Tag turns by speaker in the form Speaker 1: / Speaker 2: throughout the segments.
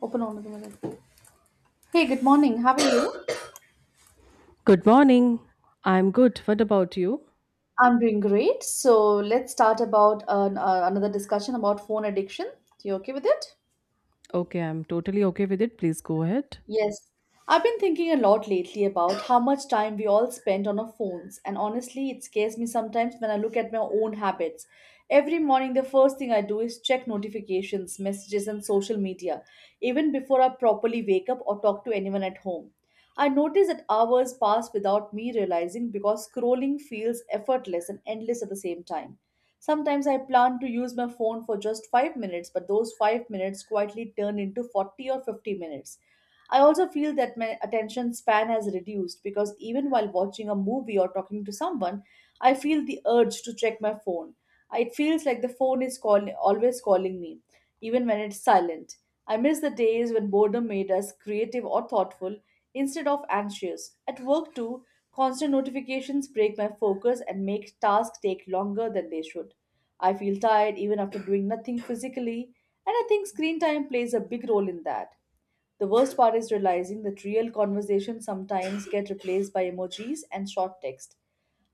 Speaker 1: Open on the minute. Hey, good morning. How are you?
Speaker 2: Good morning. I'm good. What about you?
Speaker 1: I'm doing great. So let's start about another discussion about phone addiction. You okay with it?
Speaker 2: Okay, I'm totally okay with it. Please go ahead.
Speaker 1: Yes, I've been thinking a lot lately about how much time we all spend on our phones, and honestly, it scares me sometimes when I look at my own habits. Every morning, the first thing I do is check notifications, messages, and social media, even before I properly wake up or talk to anyone at home. I notice that hours pass without me realizing because scrolling feels effortless and endless at the same time. Sometimes I plan to use my phone for just 5 minutes, but those 5 minutes quietly turn into 40 or 50 minutes. I also feel that my attention span has reduced because even while watching a movie or talking to someone, I feel the urge to check my phone. It feels like the always calling me, even when it's silent. I miss the days when boredom made us creative or thoughtful instead of anxious. At work, too, constant notifications break my focus and make tasks take longer than they should. I feel tired even after doing nothing physically, and I think screen time plays a big role in that. The worst part is realizing that real conversations sometimes get replaced by emojis and short text.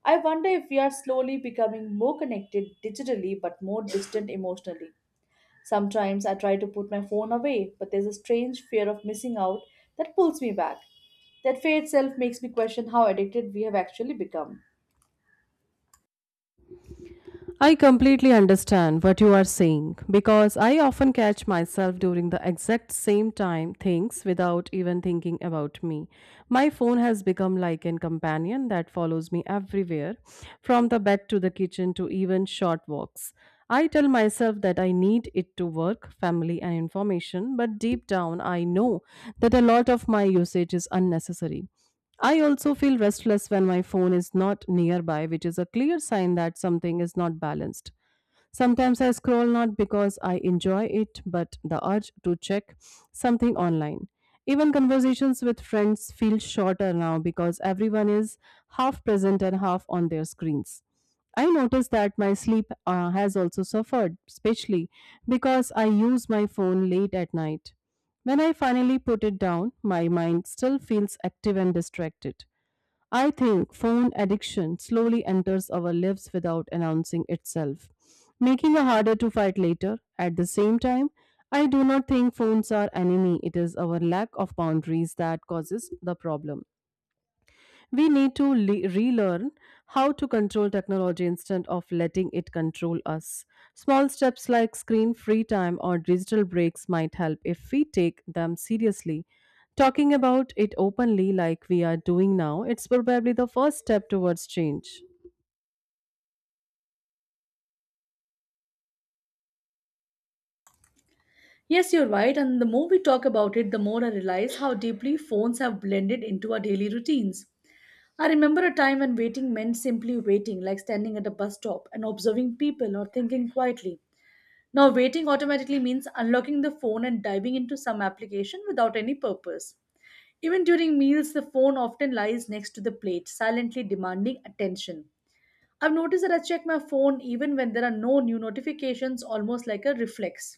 Speaker 1: I wonder if we are slowly becoming more connected digitally but more distant emotionally. Sometimes I try to put my phone away, but there's a strange fear of missing out that pulls me back. That fear itself makes me question how addicted we have actually become.
Speaker 2: I completely understand what you are saying because I often catch myself during the exact same time things without even thinking about me. My phone has become like an companion that follows me everywhere, from the bed to the kitchen to even short walks. I tell myself that I need it to work, family, and information, but deep down I know that a lot of my usage is unnecessary. I also feel restless when my phone is not nearby, which is a clear sign that something is not balanced. Sometimes I scroll not because I enjoy it, but the urge to check something online. Even conversations with friends feel shorter now because everyone is half present and half on their screens. I notice that my sleep has also suffered, especially because I use my phone late at night. When I finally put it down, my mind still feels active and distracted. I think phone addiction slowly enters our lives without announcing itself, making it harder to fight later. At the same time, I do not think phones are enemy. It is our lack of boundaries that causes the problem. We need to relearn how to control technology instead of letting it control us. Small steps like screen free time or digital breaks might help if we take them seriously. Talking about it openly, like we are doing now, it's probably the first step towards change.
Speaker 1: Yes, you're right, and the more we talk about it, the more I realize how deeply phones have blended into our daily routines. I remember a time when waiting meant simply waiting, like standing at a bus stop and observing people or thinking quietly. Now, waiting automatically means unlocking the phone and diving into some application without any purpose. Even during meals, the phone often lies next to the plate, silently demanding attention. I've noticed that I check my phone even when there are no new notifications, almost like a reflex.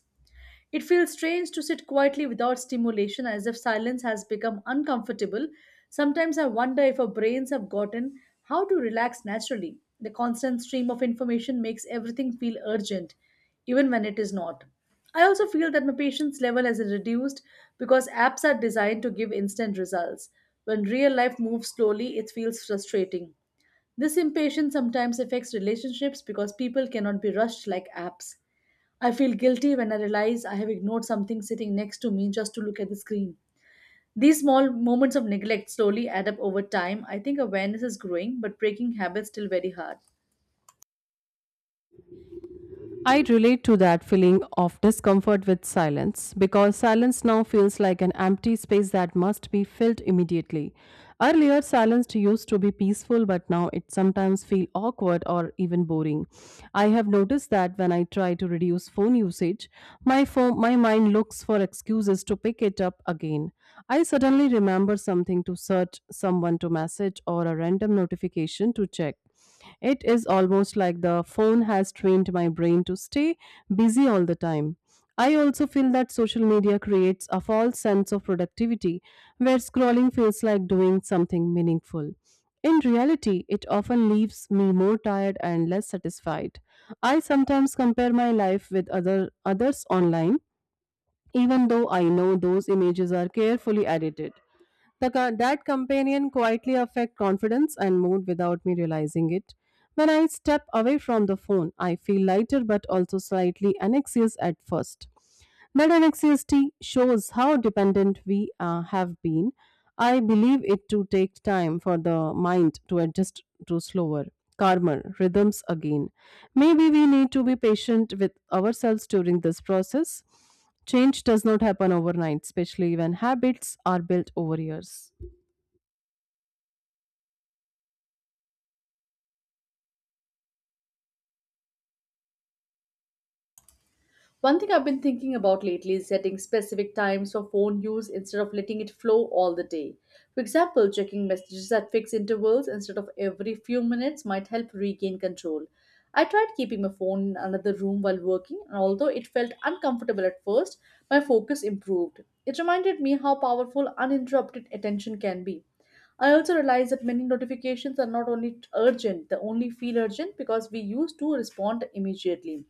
Speaker 1: It feels strange to sit quietly without stimulation, as if silence has become uncomfortable. Sometimes I wonder if our brains have gotten how to relax naturally. The constant stream of information makes everything feel urgent, even when it is not. I also feel that my patience level has reduced because apps are designed to give instant results. When real life moves slowly, it feels frustrating. This impatience sometimes affects relationships because people cannot be rushed like apps. I feel guilty when I realize I have ignored something sitting next to me just to look at the screen. These small moments of neglect slowly add up over time. I think awareness is growing, but breaking habits still very hard.
Speaker 2: I relate to that feeling of discomfort with silence because silence now feels like an empty space that must be filled immediately. Earlier, silence used to be peaceful, but now it sometimes feels awkward or even boring. I have noticed that when I try to reduce phone usage, my phone, my mind looks for excuses to pick it up again. I suddenly remember something to search, someone to message, or a random notification to check. It is almost like the phone has trained my brain to stay busy all the time. I also feel that social media creates a false sense of productivity where scrolling feels like doing something meaningful. In reality, it often leaves me more tired and less satisfied. I sometimes compare my life with other others online even though I know those images are carefully edited. The that companion quietly affect confidence and mood without me realizing it. When I step away from the phone, I feel lighter but also slightly anxious at first. That anxiety shows how dependent we have been. I believe it to take time for the mind to adjust to slower, calmer rhythms again. Maybe we need to be patient with ourselves during this process. Change does not happen overnight, especially when habits are built over years.
Speaker 1: One thing I've been thinking about lately is setting specific times for phone use instead of letting it flow all the day. For example, checking messages at fixed intervals instead of every few minutes might help regain control. I tried keeping my phone in another room while working, and although it felt uncomfortable at first, my focus improved. It reminded me how powerful uninterrupted attention can be. I also realized that many notifications are not only urgent, they only feel urgent because we used to respond immediately.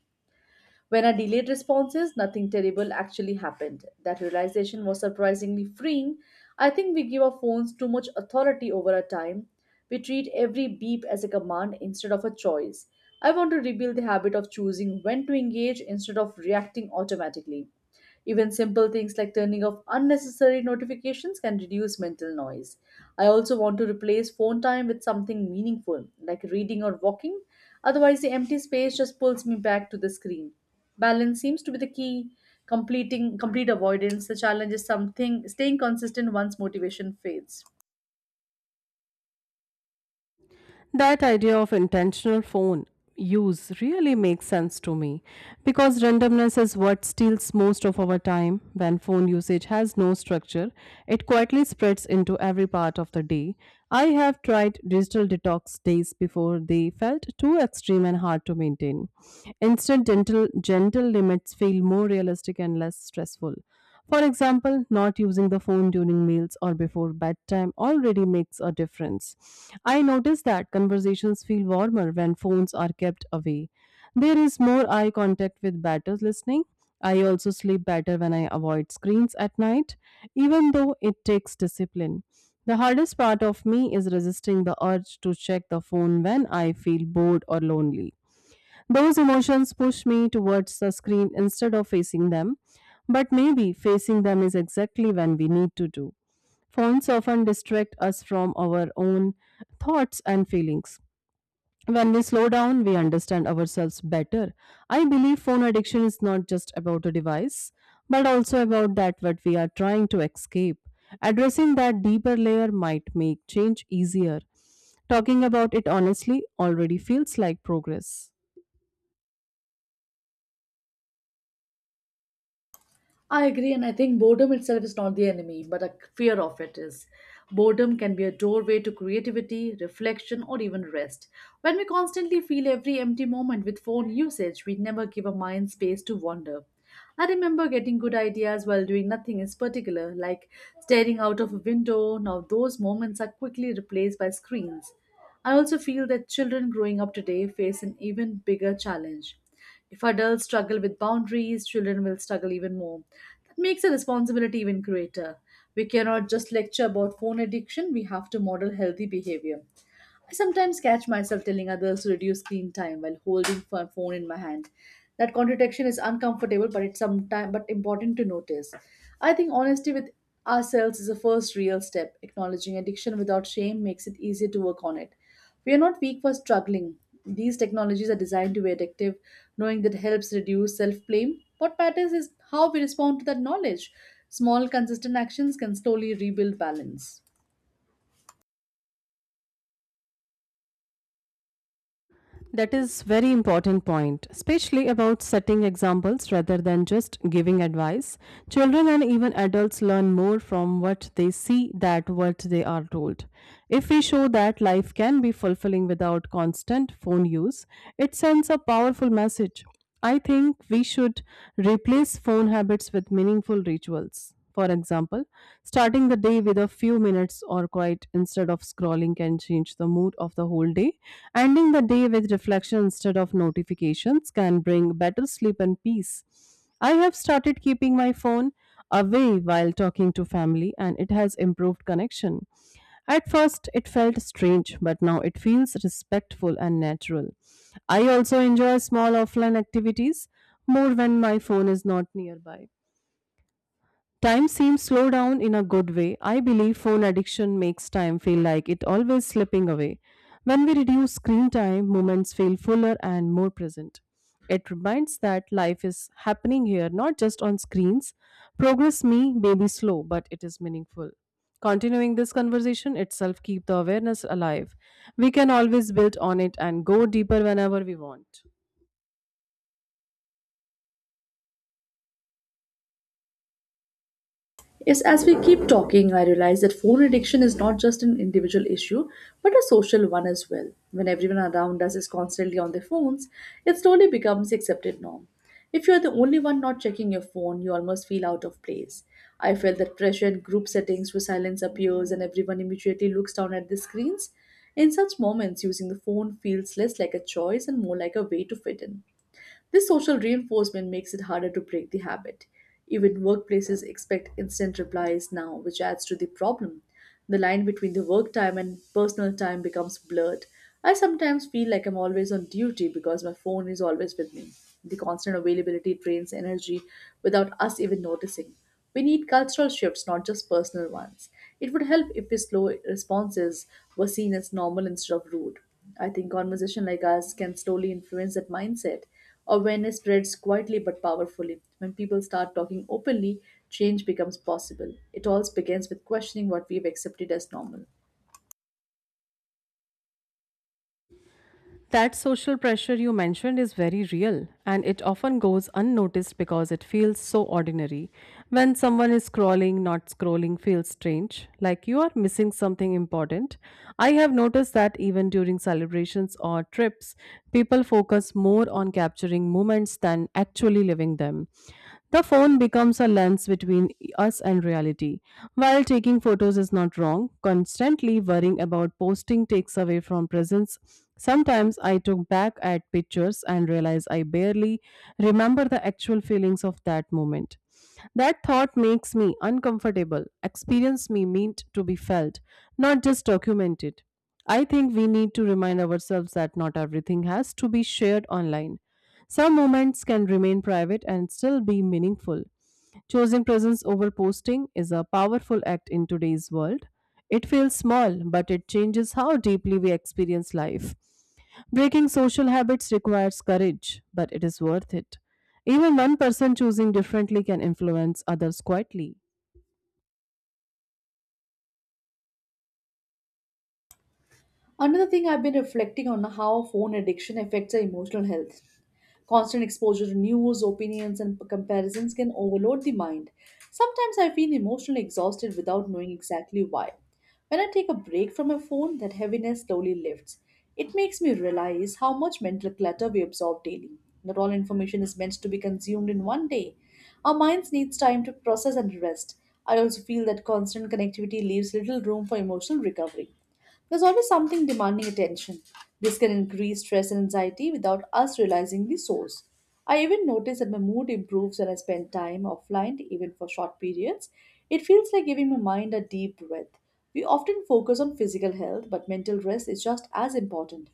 Speaker 1: When I delayed responses, nothing terrible actually happened. That realization was surprisingly freeing. I think we give our phones too much authority over our time. We treat every beep as a command instead of a choice. I want to rebuild the habit of choosing when to engage instead of reacting automatically. Even simple things like turning off unnecessary notifications can reduce mental noise. I also want to replace phone time with something meaningful, like reading or walking. Otherwise, the empty space just pulls me back to the screen. Balance seems to be the key. Completing complete avoidance. The challenge is something staying consistent once motivation fades.
Speaker 2: That idea of intentional phone use really makes sense to me because randomness is what steals most of our time. When phone usage has no structure, it quietly spreads into every part of the day. I have tried digital detox days before they felt too extreme and hard to maintain. Instant gentle limits feel more realistic and less stressful. For example, not using the phone during meals or before bedtime already makes a difference. I notice that conversations feel warmer when phones are kept away. There is more eye contact with better listening. I also sleep better when I avoid screens at night, even though it takes discipline. The hardest part of me is resisting the urge to check the phone when I feel bored or lonely. Those emotions push me towards the screen instead of facing them, but maybe facing them is exactly when we need to do. Phones often distract us from our own thoughts and feelings. When we slow down, we understand ourselves better. I believe phone addiction is not just about a device, but also about that what we are trying to escape. Addressing that deeper layer might make change easier. Talking about it honestly already feels like progress.
Speaker 1: I agree, and I think boredom itself is not the enemy, but a fear of it is. Boredom can be a doorway to creativity, reflection, or even rest. When we constantly fill every empty moment with phone usage, we never give our mind space to wander. I remember getting good ideas while doing nothing in particular, like staring out of a window. Now, those moments are quickly replaced by screens. I also feel that children growing up today face an even bigger challenge. If adults struggle with boundaries, children will struggle even more. That makes the responsibility even greater. We cannot just lecture about phone addiction, we have to model healthy behavior. I sometimes catch myself telling others to reduce screen time while holding phone in my hand. That contradiction is uncomfortable, but it's sometime but important to notice. I think honesty with ourselves is the first real step. Acknowledging addiction without shame makes it easier to work on it. We are not weak for struggling. These technologies are designed to be addictive, knowing that helps reduce self blame. What matters is how we respond to that knowledge. Small, consistent actions can slowly rebuild balance.
Speaker 2: That is very important point, especially about setting examples rather than just giving advice. Children and even adults learn more from what they see than what they are told. If we show that life can be fulfilling without constant phone use, it sends a powerful message. I think we should replace phone habits with meaningful rituals. For example, starting the day with a few minutes or quiet instead of scrolling can change the mood of the whole day. Ending the day with reflection instead of notifications can bring better sleep and peace. I have started keeping my phone away while talking to family and it has improved connection. At first, it felt strange, but now it feels respectful and natural. I also enjoy small offline activities more when my phone is not nearby. Time seems slow down in a good way. I believe phone addiction makes time feel like it always slipping away. When we reduce screen time, moments feel fuller and more present. It reminds that life is happening here, not just on screens. Progress may be slow, but it is meaningful. Continuing this conversation itself keep the awareness alive. We can always build on it and go deeper whenever we want.
Speaker 1: Yes, as we keep talking, I realize that phone addiction is not just an individual issue, but a social one as well. When everyone around us is constantly on their phones, it slowly becomes the accepted norm. If you're the only one not checking your phone, you almost feel out of place. I felt that pressure in group settings where silence appears and everyone immediately looks down at the screens. In such moments, using the phone feels less like a choice and more like a way to fit in. This social reinforcement makes it harder to break the habit. Even workplaces expect instant replies now, which adds to the problem. The line between the work time and personal time becomes blurred. I sometimes feel like I'm always on duty because my phone is always with me. The constant availability drains energy without us even noticing. We need cultural shifts, not just personal ones. It would help if the slow responses were seen as normal instead of rude. I think conversation like ours can slowly influence that mindset. Awareness spreads quietly but powerfully. When people start talking openly, change becomes possible. It all begins with questioning what we've accepted as normal.
Speaker 2: That social pressure you mentioned is very real and it often goes unnoticed because it feels so ordinary. When someone is scrolling, not scrolling feels strange, like you are missing something important. I have noticed that even during celebrations or trips, people focus more on capturing moments than actually living them. The phone becomes a lens between us and reality. While taking photos is not wrong, constantly worrying about posting takes away from presence. Sometimes I took back at pictures and realize I barely remember the actual feelings of that moment. That thought makes me uncomfortable. Experience me meant to be felt, not just documented. I think we need to remind ourselves that not everything has to be shared online. Some moments can remain private and still be meaningful. Choosing presence over posting is a powerful act in today's world. It feels small, but it changes how deeply we experience life. Breaking social habits requires courage, but it is worth it. Even one person choosing differently can influence others quietly.
Speaker 1: Another thing I've been reflecting on how phone addiction affects our emotional health. Constant exposure to news, opinions, and comparisons can overload the mind. Sometimes I feel emotionally exhausted without knowing exactly why. When I take a break from my phone, that heaviness slowly lifts. It makes me realize how much mental clutter we absorb daily. Not all information is meant to be consumed in one day. Our minds needs time to process and rest. I also feel that constant connectivity leaves little room for emotional recovery. There's always something demanding attention. This can increase stress and anxiety without us realizing the source. I even notice that my mood improves when I spend time offline, even for short periods. It feels like giving my mind a deep breath. We often focus on physical health, but mental rest is just as important.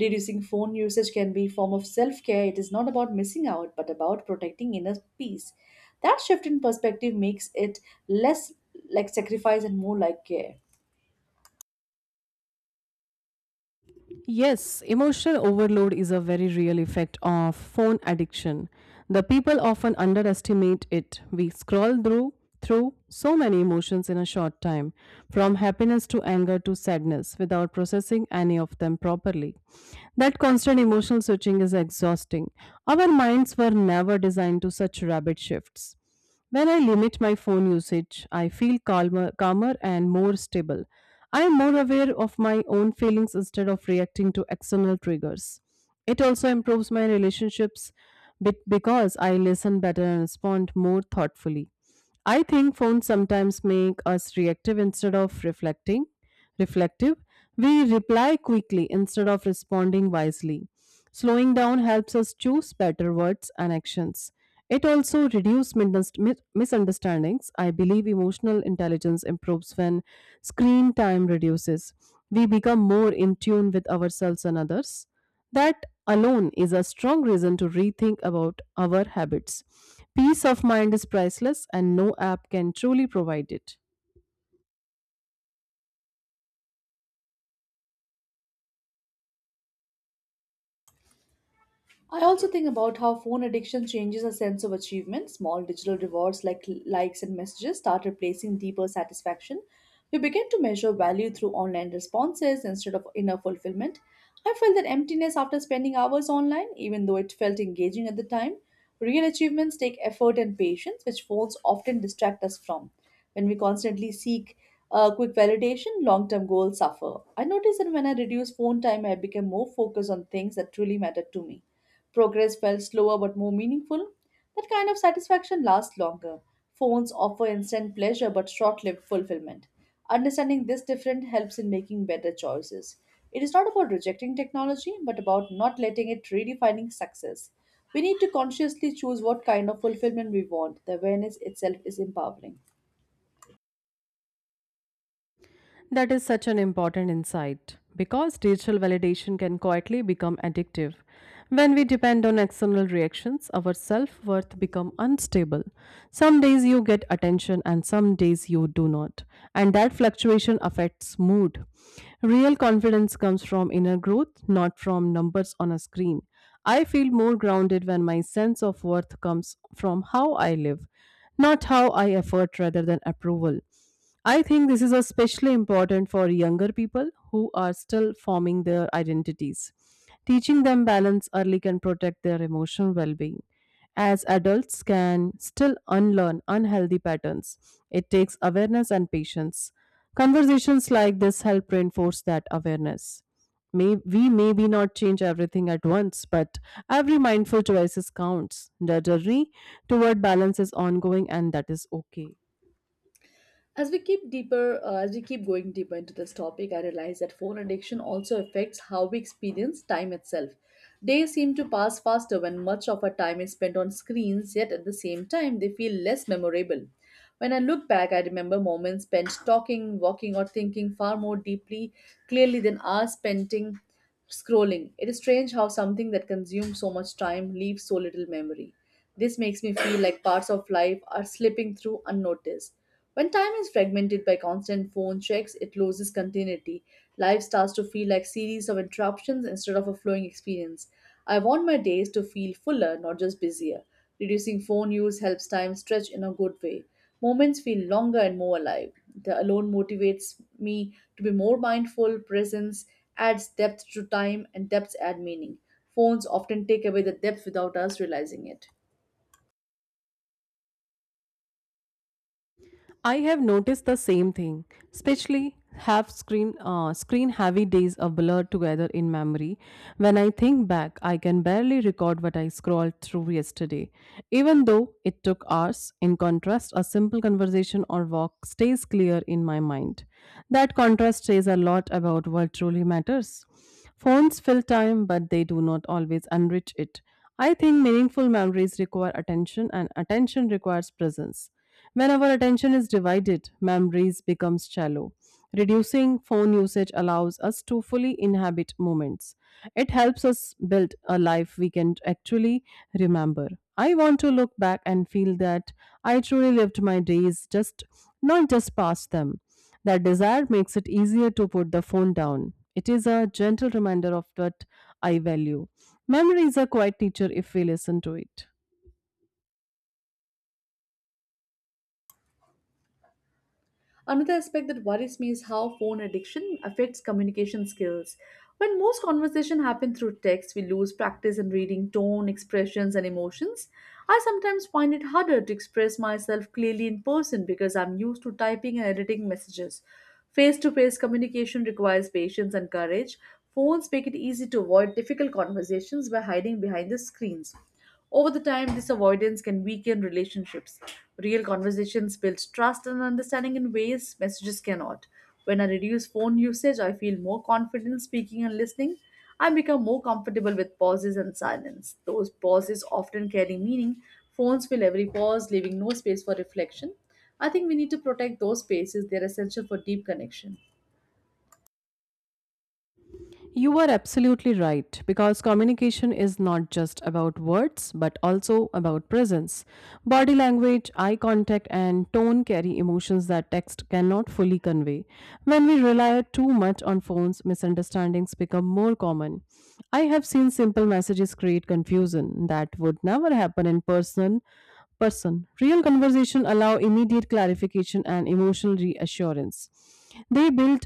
Speaker 1: Reducing phone usage can be a form of self care. It is not about missing out, but about protecting inner peace. That shift in perspective makes it less like sacrifice and more like care.
Speaker 2: Yes, emotional overload is a very real effect of phone addiction. The people often underestimate it. We scroll through so many emotions in a short time, from happiness to anger to sadness, without processing any of them properly. That constant emotional switching is exhausting. Our minds were never designed to such rapid shifts. When I limit my phone usage, I feel calmer and more stable. I am more aware of my own feelings instead of reacting to external triggers. It also improves my relationships because I listen better and respond more thoughtfully. I think phones sometimes make us reactive instead of reflecting. Reflective, we reply quickly instead of responding wisely. Slowing down helps us choose better words and actions. It also reduces misunderstandings. I believe emotional intelligence improves when screen time reduces. We become more in tune with ourselves and others. That alone is a strong reason to rethink about our habits. Peace of mind is priceless and no app can truly provide it.
Speaker 1: I also think about how phone addiction changes our sense of achievement. Small digital rewards like likes and messages start replacing deeper satisfaction. We begin to measure value through online responses instead of inner fulfillment. I felt that emptiness after spending hours online, even though it felt engaging at the time. Real achievements take effort and patience, which phones often distract us from. When we constantly seek quick validation, long term goals suffer. I noticed that when I reduce phone time, I became more focused on things that truly matter to me. Progress felt slower but more meaningful. That kind of satisfaction lasts longer. Phones offer instant pleasure but short lived fulfillment. Understanding this difference helps in making better choices. It is not about rejecting technology but about not letting it redefining success. We need to consciously choose what kind of fulfillment we want. The awareness itself is empowering.
Speaker 2: That is such an important insight because digital validation can quietly become addictive. When we depend on external reactions, our self-worth become unstable. Some days you get attention and some days you do not, and that fluctuation affects mood. Real confidence comes from inner growth, not from numbers on a screen. I feel more grounded when my sense of worth comes from how I live, not how I effort rather than approval. I think this is especially important for younger people who are still forming their identities. Teaching them balance early can protect their emotional well being. As adults can still unlearn unhealthy patterns, it takes awareness and patience. Conversations like this help reinforce that awareness. We maybe not change everything at once, but every mindful choices counts. The journey toward balance is ongoing and that is okay.
Speaker 1: As we keep going deeper into this topic, I realize that phone addiction also affects how we experience time itself. Days seem to pass faster when much of our time is spent on screens, yet at the same time, they feel less memorable. When I look back, I remember moments spent talking, walking, or thinking far more deeply, clearly than hours spent scrolling. It is strange how something that consumes so much time leaves so little memory. This makes me feel like parts of life are slipping through unnoticed. When time is fragmented by constant phone checks, it loses continuity. Life starts to feel like series of interruptions instead of a flowing experience. I want my days to feel fuller, not just busier. Reducing phone use helps time stretch in a good way. Moments feel longer and more alive. The alone motivates me to be more mindful. Presence adds depth to time, and depths add meaning. Phones often take away the depth without us realizing it.
Speaker 2: I have noticed the same thing, especially have screen heavy days are blurred together in memory. When I think back, I can barely record what I scrolled through yesterday, even though it took hours. In contrast, a simple conversation or walk stays clear in my mind. That contrast says a lot about what truly matters. Phones fill time, but they do not always enrich it. I think meaningful memories require attention and attention requires presence. When our attention is divided, memories becomes shallow. Reducing phone usage allows us to fully inhabit moments. It helps us build a life we can actually remember. I want to look back and feel that I truly lived my days just not just past them. That desire makes it easier to put the phone down. It is a gentle reminder of what I value. Memory is a quiet teacher if we listen to it.
Speaker 1: Another aspect that worries me is how phone addiction affects communication skills. When most conversation happen through text, we lose practice in reading tone, expressions, and emotions. I sometimes find it harder to express myself clearly in person because I'm used to typing and editing messages. Face to face communication requires patience and courage. Phones make it easy to avoid difficult conversations by hiding behind the screens. Over the time, this avoidance can weaken relationships. Real conversations build trust and understanding in ways messages cannot. When I reduce phone usage, I feel more confident speaking and listening. I become more comfortable with pauses and silence. Those pauses often carry meaning. Phones fill every pause, leaving no space for reflection. I think we need to protect those spaces. They're essential for deep connection.
Speaker 2: You are absolutely right because communication is not just about words but also about presence. Body language, eye contact, and tone carry emotions that text cannot fully convey. When we rely too much on phones, misunderstandings become more common. I have seen simple messages create confusion that would never happen in person. Real conversation allow immediate clarification and emotional reassurance. They build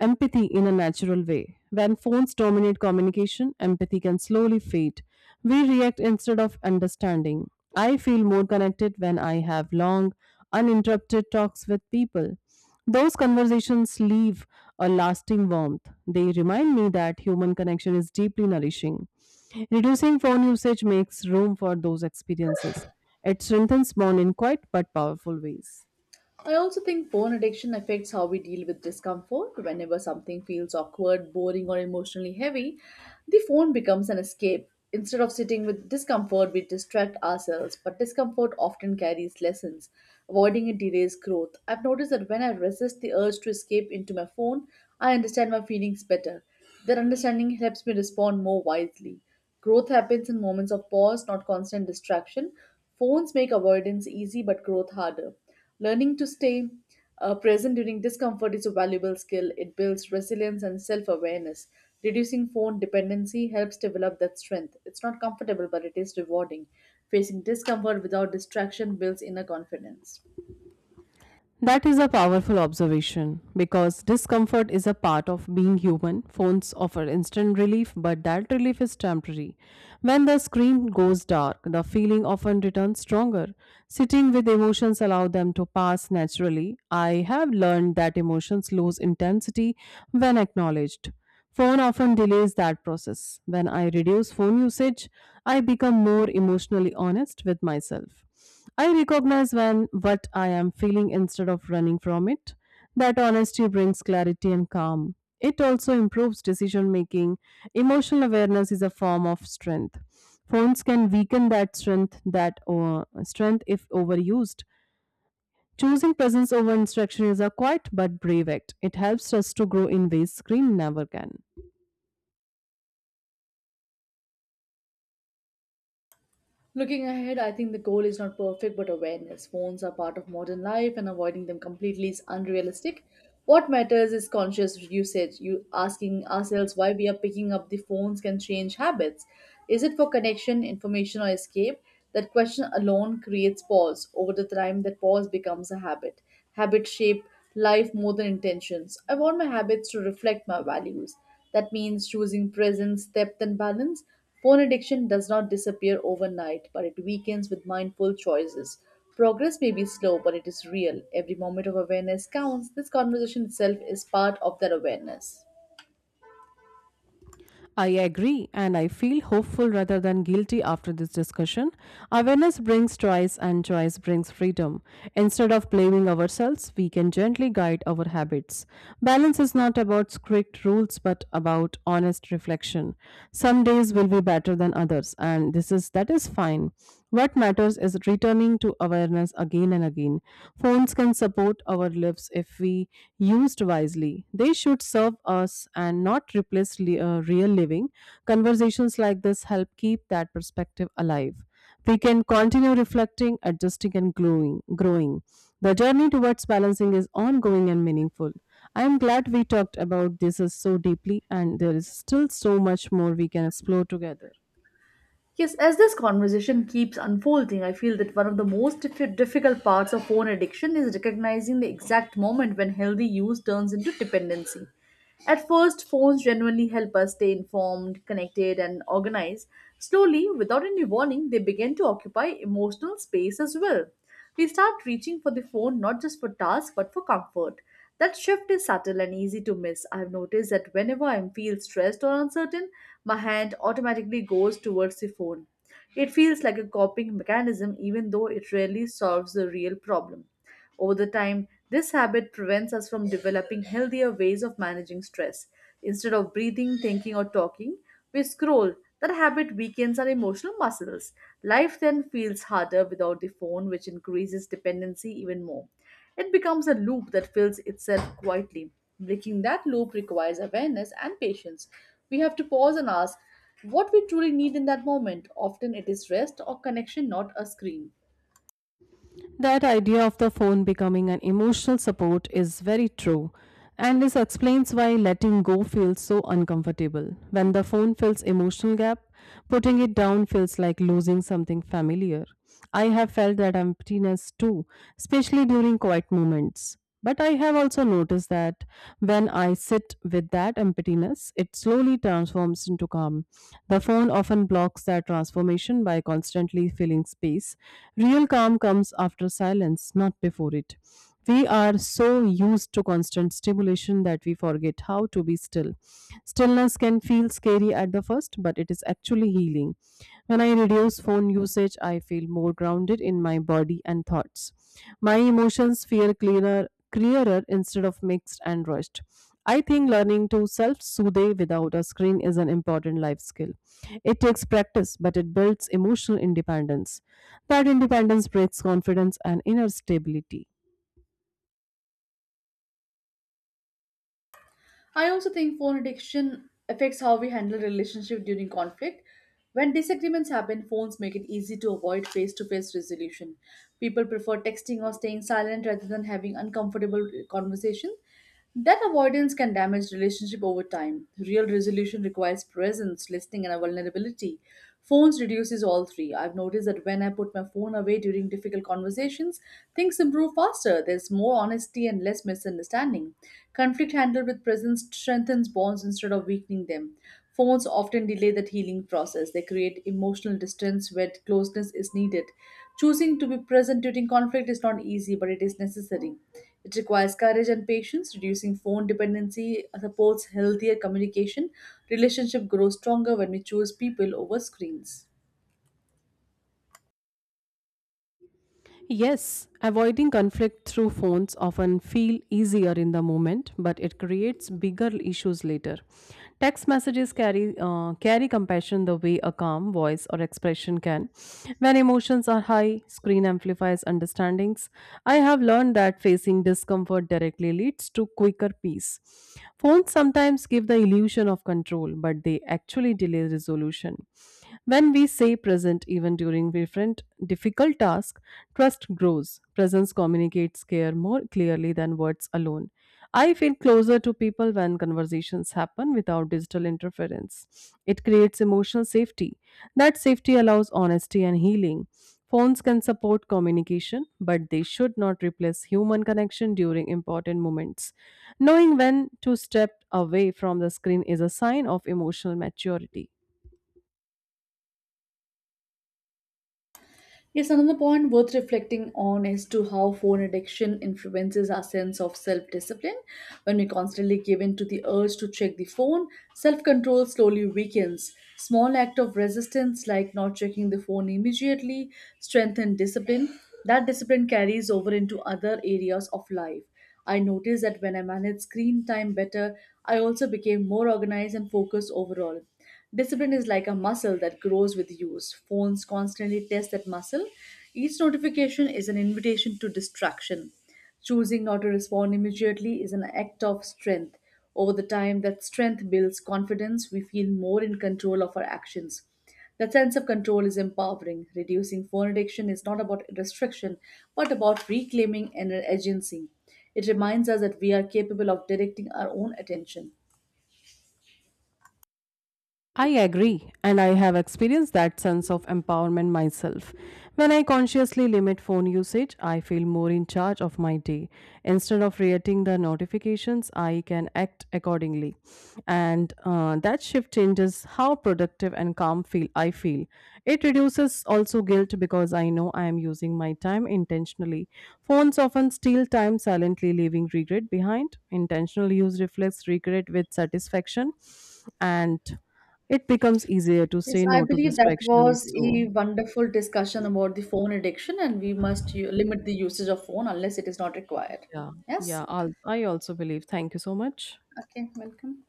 Speaker 2: empathy in a natural way. When phones dominate communication, empathy can slowly fade. We react instead of understanding. I feel more connected when I have long, uninterrupted talks with people. Those conversations leave a lasting warmth. They remind me that human connection is deeply nourishing. Reducing phone usage makes room for those experiences. It strengthens bond in quiet but powerful ways.
Speaker 1: I also think phone addiction affects how we deal with discomfort. Whenever something feels awkward, boring, or emotionally heavy, the phone becomes an escape. Instead of sitting with discomfort, we distract ourselves, but discomfort often carries lessons. Avoiding it delays growth. I've noticed that when I resist the urge to escape into my phone, I understand my feelings better. That understanding helps me respond more wisely. Growth happens in moments of pause, not constant distraction. Phones make avoidance easy but growth harder. Learning to stay present during discomfort is a valuable skill. It builds resilience and self awareness. Reducing phone dependency helps develop that strength. It's not comfortable, but it is rewarding. Facing discomfort without distraction builds inner confidence.
Speaker 2: That is a powerful observation because discomfort is a part of being human. Phones offer instant relief, but that relief is temporary. When the screen goes dark, the feeling often returns stronger. Sitting with emotions allow them to pass naturally. I have learned that emotions lose intensity when acknowledged. Phone often delays that process. When I reduce phone usage, I become more emotionally honest with myself. I recognize when what I am feeling instead of running from it. That honesty brings clarity and calm. It also improves decision making. Emotional awareness is a form of strength. Phones can weaken that strength if overused. Choosing presence over instruction is a quiet but brave act. It helps us to grow in ways screen never can.
Speaker 1: Looking ahead, I think the goal is not perfect but awareness. Phones are part of modern life and avoiding them completely is unrealistic. What matters is conscious usage. You asking ourselves why we are picking up the phones can change habits. Is it for connection, information or escape? That question alone creates pause. Over the time that pause becomes a habit. Habits shape life more than intentions. I want my habits to reflect my values. That means choosing presence, depth, and balance. Phone addiction does not disappear overnight, but it weakens with mindful choices. Progress may be slow, but it is real. Every moment of awareness counts. This conversation itself is part of that awareness.
Speaker 2: I agree, and I feel hopeful rather than guilty after this discussion. Awareness brings choice, and choice brings freedom. Instead of blaming ourselves, we can gently guide our habits. Balance is not about strict rules, but about honest reflection. Some days will be better than others, and this is that is fine. What matters is returning to awareness again and again. Phones can support our lives if we used wisely. They should serve us and not replace real living. Conversations like this help keep that perspective alive. We can continue reflecting, adjusting, and growing. The journey towards balancing is ongoing and meaningful. I am glad we talked about this so deeply, and there is still so much more we can explore together.
Speaker 1: Yes, as this conversation keeps unfolding, I feel that one of the most difficult parts of phone addiction is recognizing the exact moment when healthy use turns into dependency. At first, phones genuinely help us stay informed, connected, and organized. Slowly, without any warning, they begin to occupy emotional space as well. We start reaching for the phone not just for tasks but for comfort. That shift is subtle and easy to miss. I've noticed that whenever I feel stressed or uncertain, my hand automatically goes towards the phone. It feels like a coping mechanism, even though it rarely solves the real problem. Over the time, this habit prevents us from developing healthier ways of managing stress. Instead of breathing, thinking, or talking, we scroll. That habit weakens our emotional muscles. Life then feels harder without the phone, which increases dependency even more. It becomes a loop that fills itself quietly. Breaking that loop requires awareness and patience. We have to pause and ask what we truly need in that moment. Often it is rest or connection, not a screen.
Speaker 2: That idea of the phone becoming an emotional support is very true. And this explains why letting go feels so uncomfortable. When the phone fills emotional gap, putting it down feels like losing something familiar. I have felt that emptiness too, especially during quiet moments. But I have also noticed that when I sit with that emptiness, it slowly transforms into calm. The phone often blocks that transformation by constantly filling space. Real calm comes after silence, not before it. We are so used to constant stimulation that we forget how to be still. Stillness can feel scary at the first, but it is actually healing. When I reduce phone usage, I feel more grounded in my body and thoughts. My emotions feel clearer instead of mixed and rushed. I think learning to self soothe without a screen is an important life skill. It takes practice, but it builds emotional independence. That independence breeds confidence and inner stability.
Speaker 1: I also think phone addiction affects how we handle relationship during conflict. When disagreements happen, phones make it easy to avoid face-to-face resolution. People prefer texting or staying silent rather than having uncomfortable conversation. That avoidance can damage relationship over time. Real resolution requires presence, listening, and vulnerability. Phones reduces all three. I've noticed that when I put my phone away during difficult conversations, things improve faster. There's more honesty and less misunderstanding. Conflict handled with presence strengthens bonds instead of weakening them. Phones often delay that healing process. They create emotional distance where closeness is needed. Choosing to be present during conflict is not easy, but it is necessary. It requires courage and patience. Reducing phone dependency supports healthier communication. Relationship grows stronger when we choose people over screens.
Speaker 2: Yes, avoiding conflict through phones often feel easier in the moment, but it creates bigger issues later. Text messages carry compassion the way a calm voice or expression can. When emotions are high, screen amplifies understandings. I have learned that facing discomfort directly leads to quicker peace. Phones sometimes give the illusion of control, but they actually delay resolution. When we stay present even during different difficult tasks, trust grows. Presence communicates care more clearly than words alone. I feel closer to people when conversations happen without digital interference. It creates emotional safety. That safety allows honesty and healing. Phones can support communication, but they should not replace human connection during important moments. Knowing when to step away from the screen is a sign of emotional maturity.
Speaker 1: Yes, another point worth reflecting on is to how phone addiction influences our sense of self-discipline. When we constantly give in to the urge to check the phone, self-control slowly weakens. Small act of resistance like not checking the phone immediately strengthen discipline. That discipline carries over into other areas of life. I noticed that when I managed screen time better, I also became more organized and focused overall. Discipline is like a muscle that grows with use. Phones constantly test that muscle. Each notification is an invitation to distraction. Choosing not to respond immediately is an act of strength. Over the time, that strength builds confidence. We feel more in control of our actions. That sense of control is empowering. Reducing phone addiction is not about restriction, but about reclaiming and agency. It reminds us that we are capable of directing our own attention.
Speaker 2: I agree, and I have experienced that sense of empowerment myself. When I consciously limit phone usage, I feel more in charge of my day. Instead of reacting the notifications, I can act accordingly, and that shift changes how productive and calm feel I feel. It reduces also guilt because I know I am using my time intentionally. Phones often steal time silently, leaving regret behind. Intentional use reflects regret with satisfaction, and it becomes easier to
Speaker 1: Yes,
Speaker 2: say
Speaker 1: I
Speaker 2: no to
Speaker 1: believe that
Speaker 2: distractions.
Speaker 1: was a wonderful discussion about the phone addiction, and we must u- limit the usage of phone unless it is not required.
Speaker 2: Yeah,
Speaker 1: Yes.
Speaker 2: yeah, I also believe. Thank you so much.
Speaker 1: Okay, welcome.